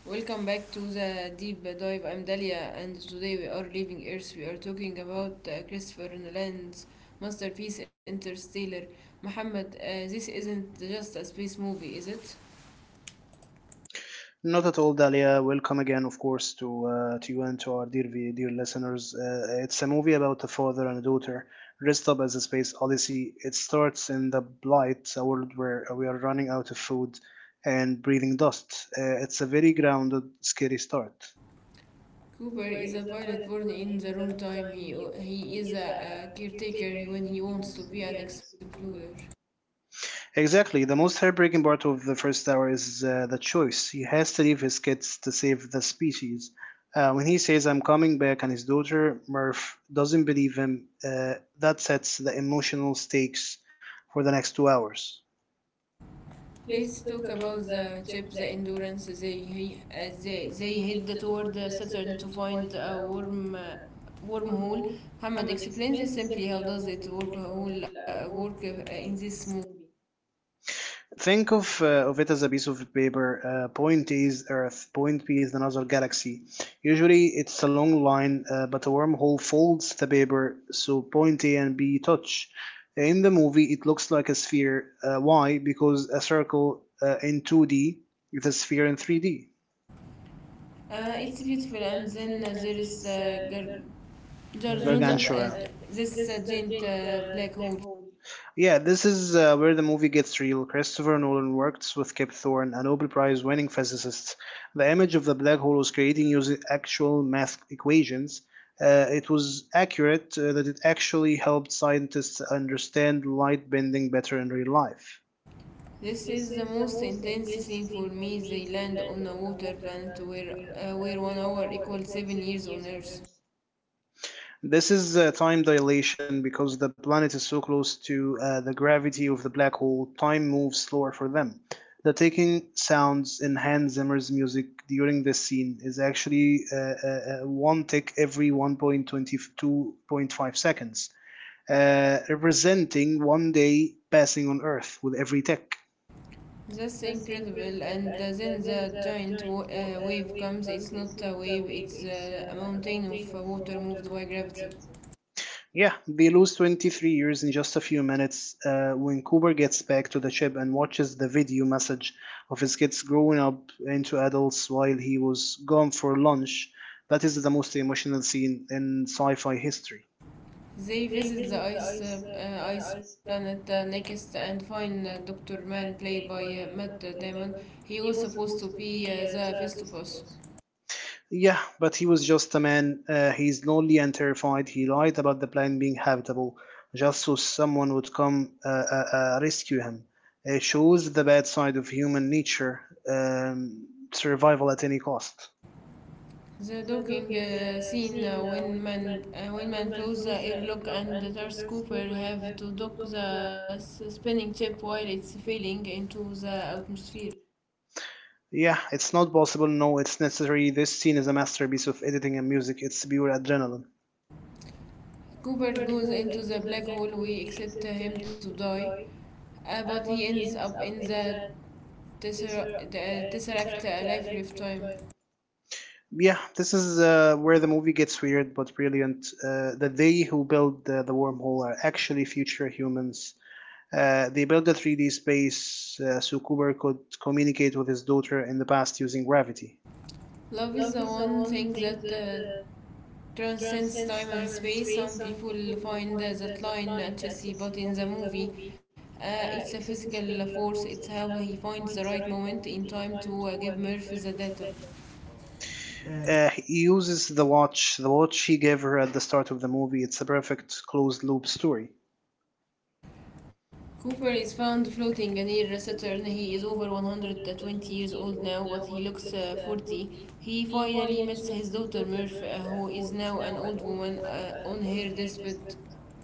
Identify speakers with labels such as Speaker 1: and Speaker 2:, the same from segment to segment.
Speaker 1: Welcome back to the deep dive. I'm Dalia, and today we are leaving Earth. We are talking about Christopher Nolan's masterpiece Interstellar. Muhammad, this isn't just a space movie, is it?
Speaker 2: Not at all, Dalia. Welcome again, of course, to you and to our dear listeners. It's a movie about a father and a daughter dressed up as a space odyssey. It starts in the blight, a world where we are running out of food and breathing dust. It's a very grounded, scary start.
Speaker 1: Cooper is a pilot born in the wrong time. He is a, caretaker when he wants to be an explorer.
Speaker 2: Exactly. The most heartbreaking part of the first hour is the choice. He has to leave his kids to save the species. When he says, I'm coming back, and his daughter, Murph, doesn't believe him, that sets the emotional stakes for the next 2 hours.
Speaker 1: Let's talk about the chip, the endurance they head toward Saturn to find a wormhole. Muhammad explains this simply, how does it work in this movie?
Speaker 2: Think of it as a piece of paper. Point A is Earth. Point B is another galaxy. Usually, it's a long line, but a wormhole folds the paper so point A and B touch. In the movie, it looks like a sphere. Why? Because a circle in 2D is a sphere in 3D. They
Speaker 1: It's beautiful, and then there is Gargant,
Speaker 2: Gargantua.
Speaker 1: this giant black hole.
Speaker 2: Yeah, this is where the movie gets real. Christopher Nolan worked with Kip Thorne, a Nobel Prize winning physicist. The image of the black hole was created using actual math equations. It was accurate that it actually helped scientists understand light bending better in real life.
Speaker 1: This is the most intense scene for me. They land on a water planet where one hour equals seven years on Earth.
Speaker 2: This is time dilation because the planet is so close to the gravity of the black hole, time moves slower for them. The taking sounds in Hans Zimmer's music during this scene is actually one tick every 1.22.5 seconds, representing one day passing on Earth with every tick.
Speaker 1: That's incredible. And then the giant wave comes. It's not a wave, it's a mountain of water moved by gravity.
Speaker 2: Yeah, they lose 23 years in just a few minutes when Cooper gets back to the ship and watches the video message of his kids growing up into adults while he was gone for lunch. That is the most emotional scene in sci fi history.
Speaker 1: They visit the ice planet next and find, Dr. Mann, played by Matt Damon. He was supposed to be the Festivus.
Speaker 2: Yeah, but he was just a man. He's lonely and terrified. He lied about the planet being habitable just so someone would come rescue him. It shows the bad side of human nature um, survival at any cost.
Speaker 1: The docking scene, when man blows the airlock and the Darth Cooper have to dock the spinning chip while it's falling into the atmosphere.
Speaker 2: Yeah, it's not possible. No, it's necessary. This scene is a masterpiece of editing and music. It's pure adrenaline.
Speaker 1: Cooper goes into the black hole. We accept him to die, but he ends up in the tesseract, a lifetime.
Speaker 2: Yeah, this is where the movie gets weird but brilliant. The they who build the wormhole are actually future humans. They built a 3D space so Cooper could communicate with his daughter in the past using gravity.
Speaker 1: Love is the one thing that transcends time and space. Some people find that line cheesy, but in the movie, it's a physical force. It's how he finds the right moment in time to give Murph the data. Uh,
Speaker 2: He uses the watch he gave her at the start of the movie. It's a perfect closed loop story.
Speaker 1: Cooper is found floating near Saturn. He is over 120 years old now, but he looks 40. He finally meets his daughter Murph, who is now an old woman on her deathbed.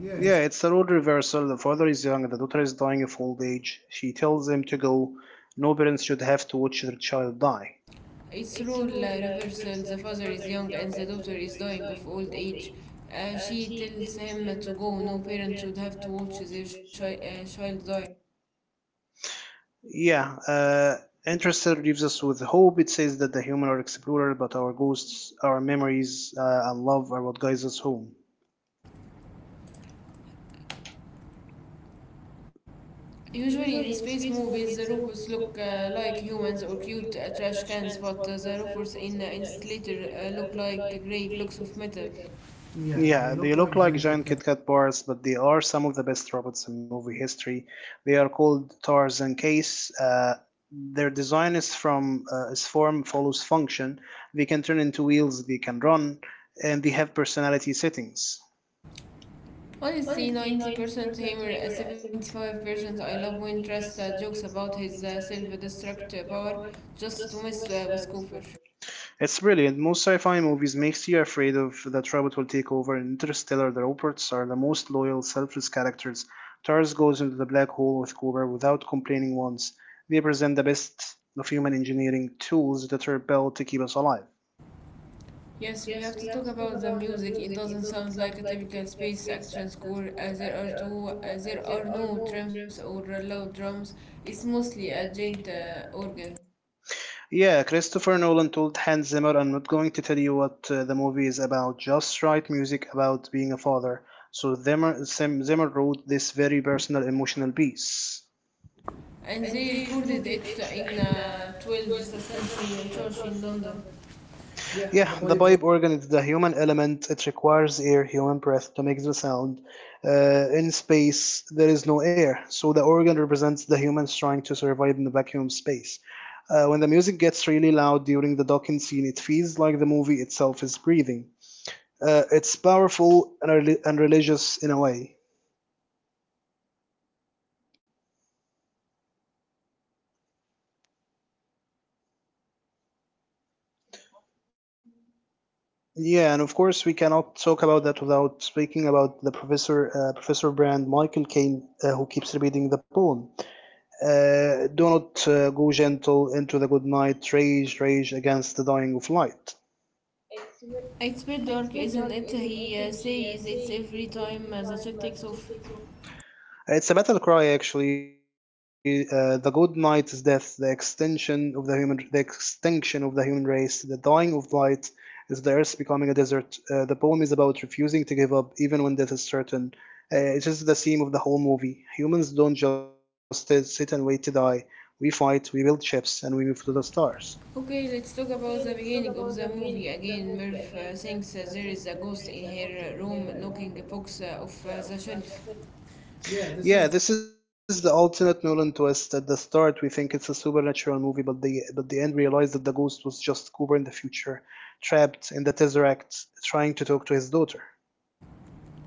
Speaker 1: Yeah, it's
Speaker 2: Yeah, it's a role reversal. The father is young, and the daughter is dying of old age. She tells him to go. No parents should have to watch their child die.
Speaker 1: It's role reversal. The father is young and the daughter is dying of old age. She tells him to go. No parent should have to watch their child die.
Speaker 2: Yeah, uh, Interstellar leaves us with hope. It says that the human are explorer, but our ghosts, our memories, and love are what guides us home.
Speaker 1: Usually in space movies, the robots look like humans or cute trash cans, but the robots in, Installator, look like grey blocks of metal. Yeah, they
Speaker 2: Yeah, they
Speaker 1: look
Speaker 2: look
Speaker 1: like
Speaker 2: like
Speaker 1: giant Kit
Speaker 2: giant
Speaker 1: Kat.
Speaker 2: Kit Kat bars, but they are some of the best robots in movie history. They are called Tarzan Case. Their design is from is form follows function. They can turn into wheels. They can run, and they have personality settings.
Speaker 1: Honestly, 90% humor, 75%. I love when Trust jokes about his self destruct power just to mess with Cooper.
Speaker 2: It's brilliant. Most sci-fi movies makes you afraid of that robot will take over. In Interstellar, the robots are the most loyal, selfless characters. Tars goes into the black hole with Cooper without complaining once. They present the best of human engineering tools that are built to keep us alive.
Speaker 1: Yes, we have to talk about the music. It doesn't sound like a typical space action score, as there are no drums or loud drums. It's mostly a giant organ,
Speaker 2: Yeah, Christopher Nolan told Hans Zimmer, I'm not going to tell you what the movie is about, just write music about being a father. So Zimmer wrote this very personal, emotional piece.
Speaker 1: and they recorded it in 12th century church in London. Yeah,
Speaker 2: Yeah,
Speaker 1: the
Speaker 2: the
Speaker 1: Bible.
Speaker 2: pipe organ is the human element. It requires air, human breath, to make the sound. In space, there is no air, so the organ represents the humans trying to survive in the vacuum space. When the music gets really loud during the docking scene, it feels like the movie itself is breathing. It's powerful and, religious in a way. Yeah, and of course we cannot talk about that without speaking about the professor, Professor Brand Michael Caine, who keeps repeating the poem. Do not go gentle into the good night, rage, rage against the dying of light.
Speaker 1: It's a bit dark, isn't it? He says it's every time the ship takes off.
Speaker 2: It's a battle cry, actually. The good night is death, the extinction of the human race, the dying of light is the earth becoming a desert. The poem is about refusing to give up, even when death is certain. It is the theme of the whole movie. Humans don't just sit and wait to die. We fight, we build ships, and we move to the stars.
Speaker 1: Okay, let's talk about the beginning of the movie again. Murph thinks there is a ghost in her room knocking a box off the shelf. Yeah, this
Speaker 2: Yeah,
Speaker 1: is,
Speaker 2: this is the ultimate Nolan twist. At the start, we think it's a supernatural movie, but the end realized that the ghost was just Cooper in the future, trapped in the Tesseract, trying to talk to his daughter.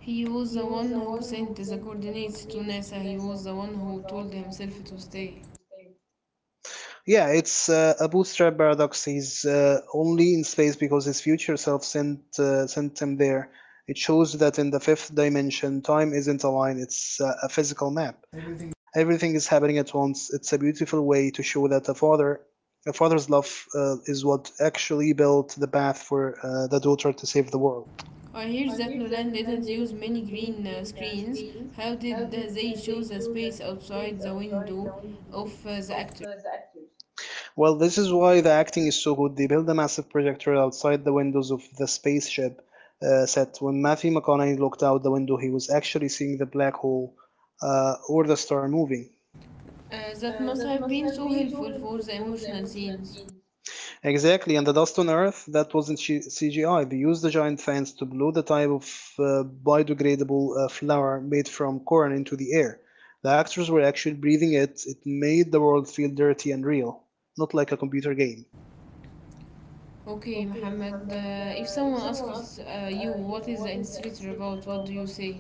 Speaker 1: he was the one who sent the coordinates to NASA. He was the one who told himself to stay,
Speaker 2: Yeah, it's a bootstrap paradox. He's only in space because his future self sent him there. It shows that in the fifth dimension, time isn't a line; it's a physical map.
Speaker 1: everything.
Speaker 2: Everything is happening at once. It's a beautiful way to show that a father's love, is what actually built the path for the daughter to save the world.
Speaker 1: I hear that Nolan didn't use many green screens. How did they show the space outside the window of the actor?
Speaker 2: Well, this is why the acting is so good. They build a massive projector outside the windows of the spaceship set. When Matthew McConaughey looked out the window, he was actually seeing the black hole or the star moving.
Speaker 1: That must have been so helpful for the emotional scenes.
Speaker 2: Exactly, and the dust on Earth, that wasn't CGI. They used the giant fans to blow the type of biodegradable flour made from corn into the air. The actors were actually breathing it. It made the world feel dirty and real, not like a computer game.
Speaker 1: Okay, Muhammad, if someone asks you what is the instructor about, what do you say?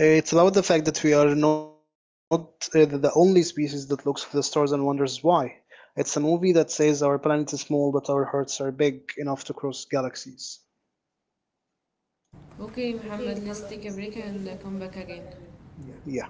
Speaker 2: It's about the fact that we are not the only species that looks to the stars and wonders why. It's a movie that says our planet is small, but our hearts are big enough to cross galaxies.
Speaker 1: Okay, Muhammad, let's take a break and come back again. Yeah.
Speaker 2: Yeah.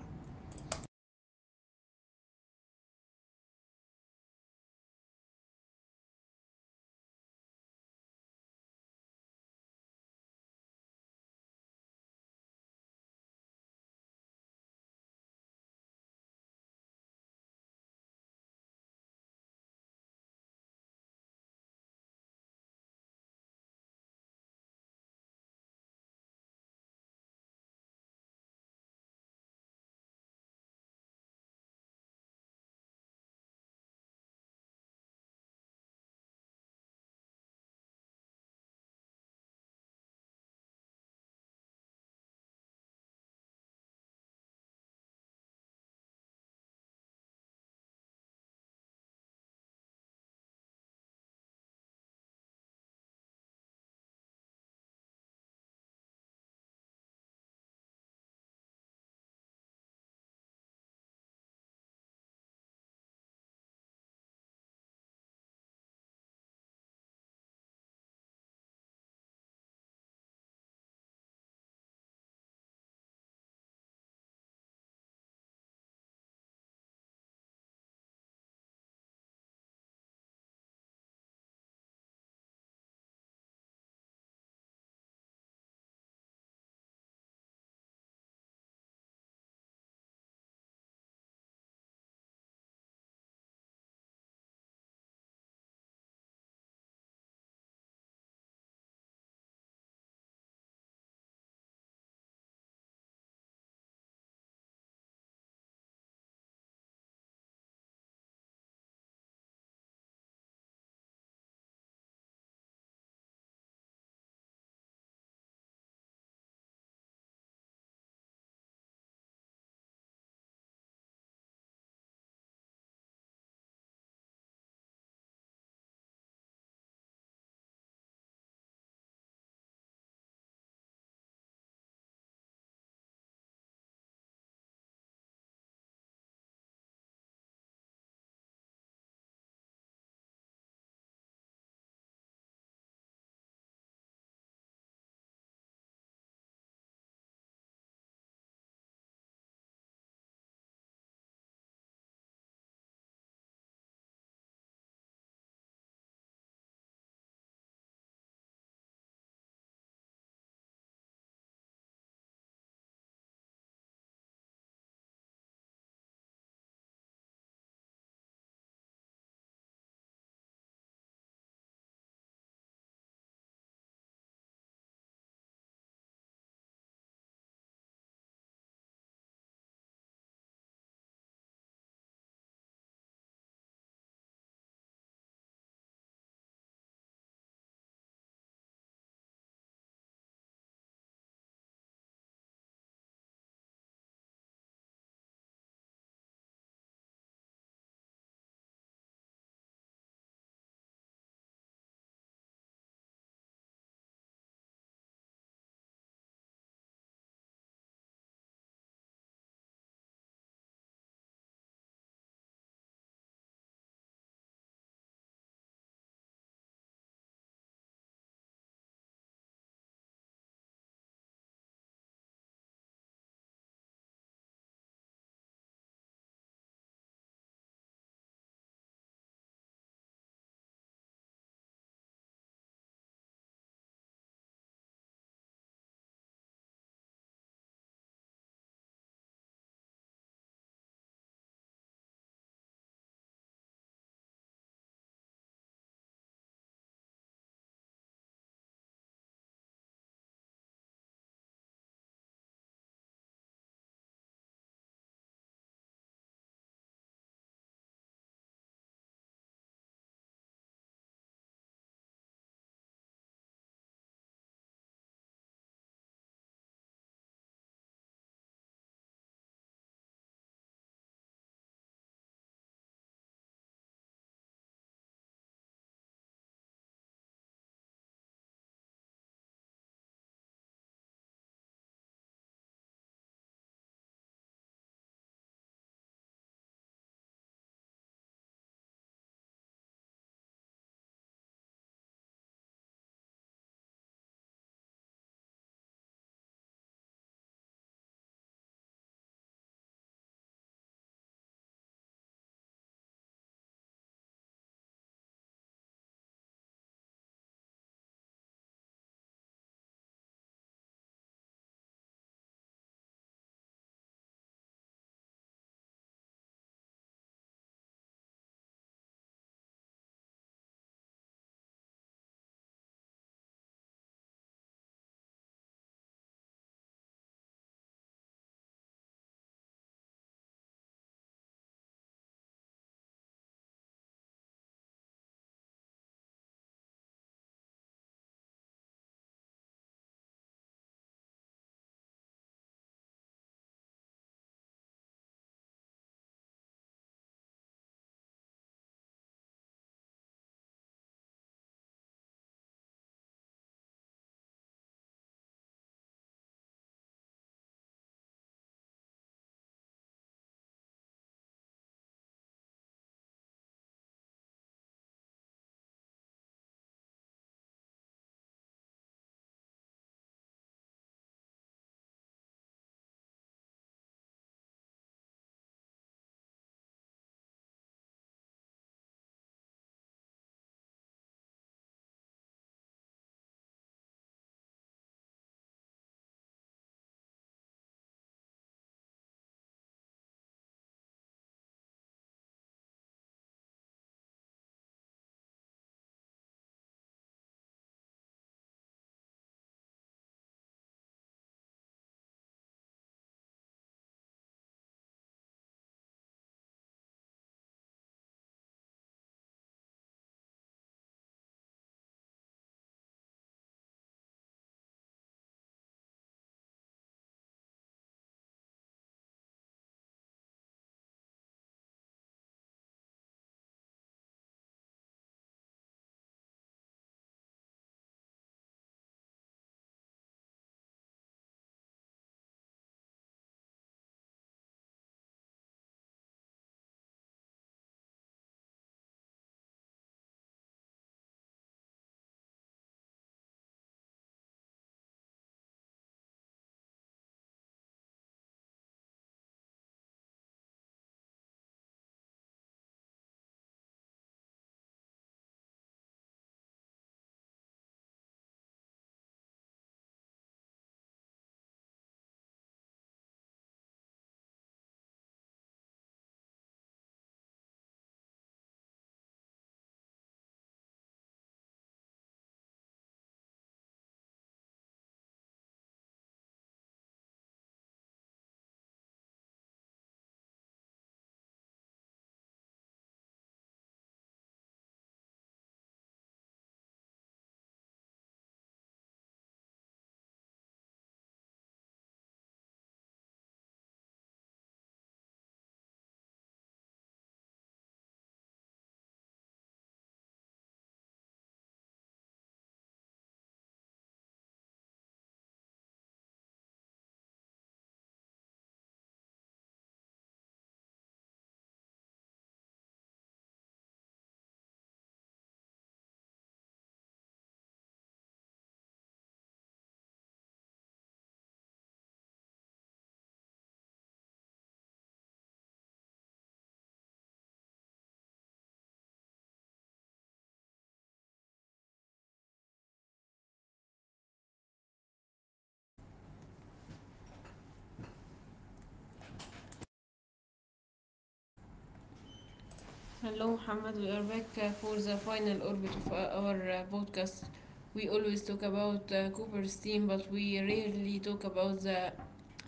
Speaker 1: Hello, Muhammad. We are back for the final orbit of our podcast. We always talk about Cooper's team, but we rarely talk about the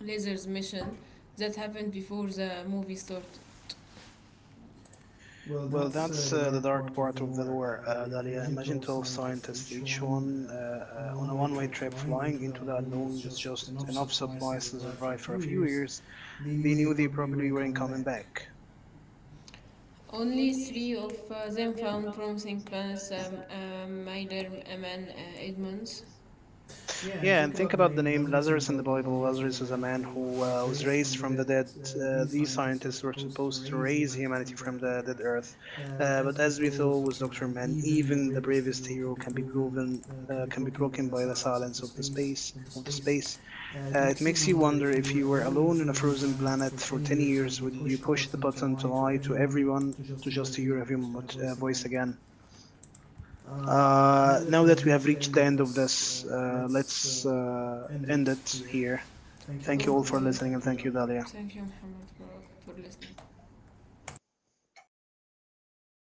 Speaker 1: lasers mission that happened before the movie started. Well,
Speaker 2: Well,
Speaker 1: that's
Speaker 2: that's
Speaker 1: the
Speaker 2: the
Speaker 1: dark
Speaker 2: dark
Speaker 1: part of the
Speaker 2: part of the
Speaker 1: lore,
Speaker 2: lore,
Speaker 1: Dalia.
Speaker 2: Dalia.
Speaker 1: Imagine
Speaker 2: Imagine
Speaker 1: 12
Speaker 2: 12
Speaker 1: scientists,
Speaker 2: scientists,
Speaker 1: each
Speaker 2: each
Speaker 1: one
Speaker 2: one uh,
Speaker 1: uh, uh, on
Speaker 2: uh,
Speaker 1: a
Speaker 2: on a
Speaker 1: one way
Speaker 2: one way
Speaker 1: trip
Speaker 2: trip
Speaker 1: flying
Speaker 2: flying
Speaker 1: into the
Speaker 2: into the
Speaker 1: unknown with
Speaker 2: unknown with
Speaker 1: just
Speaker 2: just
Speaker 1: enough
Speaker 2: enough
Speaker 1: supplies to
Speaker 2: supplies to
Speaker 1: survive for a
Speaker 2: survive for a
Speaker 1: few
Speaker 2: few
Speaker 1: years.
Speaker 2: years.
Speaker 1: They
Speaker 2: They
Speaker 1: knew they
Speaker 2: knew they
Speaker 1: probably
Speaker 2: probably
Speaker 1: weren't
Speaker 2: weren't
Speaker 1: coming
Speaker 2: coming
Speaker 1: back.
Speaker 2: back.
Speaker 1: Only three of them found promising plants, Mailer, Eman, Edmonds. Yeah, and
Speaker 2: Yeah, and
Speaker 1: think
Speaker 2: think
Speaker 1: about the
Speaker 2: about the
Speaker 1: name
Speaker 2: name
Speaker 1: Lazarus in the
Speaker 2: Lazarus in the
Speaker 1: Bible.
Speaker 2: Bible.
Speaker 1: Lazarus was
Speaker 2: Lazarus
Speaker 1: a
Speaker 2: is a
Speaker 1: man
Speaker 2: man
Speaker 1: who
Speaker 2: who
Speaker 1: was
Speaker 2: was
Speaker 1: raised
Speaker 2: raised
Speaker 1: from the
Speaker 2: from the
Speaker 1: dead.
Speaker 2: dead. Uh,
Speaker 1: These
Speaker 2: these
Speaker 1: scientists were
Speaker 2: scientists were
Speaker 1: supposed to
Speaker 2: supposed to
Speaker 1: raise
Speaker 2: raise
Speaker 1: humanity
Speaker 2: humanity
Speaker 1: from the
Speaker 2: from
Speaker 1: dead
Speaker 2: the dead
Speaker 1: earth.
Speaker 2: earth. Uh,
Speaker 1: But
Speaker 2: but
Speaker 1: as we
Speaker 2: as
Speaker 1: saw
Speaker 2: we saw
Speaker 1: with
Speaker 2: with
Speaker 1: Dr.
Speaker 2: Dr.
Speaker 1: Man,
Speaker 2: Man,
Speaker 1: even the
Speaker 2: even the
Speaker 1: bravest
Speaker 2: bravest
Speaker 1: hero can
Speaker 2: hero
Speaker 1: be
Speaker 2: can be
Speaker 1: proven,
Speaker 2: proven.
Speaker 1: can
Speaker 2: Uh,
Speaker 1: be
Speaker 2: can be
Speaker 1: broken by
Speaker 2: broken
Speaker 1: the
Speaker 2: by the
Speaker 1: silence of
Speaker 2: silence
Speaker 1: the
Speaker 2: of the
Speaker 1: space
Speaker 2: space
Speaker 1: of the
Speaker 2: of the
Speaker 1: space.
Speaker 2: space.
Speaker 1: It
Speaker 2: It
Speaker 1: makes you
Speaker 2: makes you
Speaker 1: wonder,
Speaker 2: wonder
Speaker 1: if you
Speaker 2: if
Speaker 1: were
Speaker 2: you were
Speaker 1: alone in a
Speaker 2: alone on a
Speaker 1: frozen
Speaker 2: frozen
Speaker 1: planet for
Speaker 2: planet for
Speaker 1: 10
Speaker 2: 10
Speaker 1: years, would
Speaker 2: years,
Speaker 1: you
Speaker 2: would you
Speaker 1: push the
Speaker 2: push the
Speaker 1: button to
Speaker 2: button to
Speaker 1: lie to
Speaker 2: lie to
Speaker 1: everyone
Speaker 2: everyone
Speaker 1: to
Speaker 2: to
Speaker 1: just hear your
Speaker 2: just hear
Speaker 1: human
Speaker 2: a human
Speaker 1: voice
Speaker 2: voice
Speaker 1: again?
Speaker 2: again? Uh,
Speaker 1: Now that
Speaker 2: now
Speaker 1: we
Speaker 2: that
Speaker 1: have
Speaker 2: we have
Speaker 1: reached the
Speaker 2: reached
Speaker 1: end
Speaker 2: the
Speaker 1: of
Speaker 2: end of
Speaker 1: this,
Speaker 2: this, uh,
Speaker 1: let's
Speaker 2: let's uh,
Speaker 1: end
Speaker 2: end
Speaker 1: it
Speaker 2: it
Speaker 1: here.
Speaker 2: here.
Speaker 1: Thank you all,
Speaker 2: Thank
Speaker 1: okay,
Speaker 2: you
Speaker 1: for,
Speaker 2: all
Speaker 1: okay,
Speaker 2: for
Speaker 1: listening.
Speaker 2: listening, and
Speaker 1: Thank you,
Speaker 2: thank you,
Speaker 1: Dalia.
Speaker 2: Dalia.
Speaker 1: Thank you, Muhammad, for listening.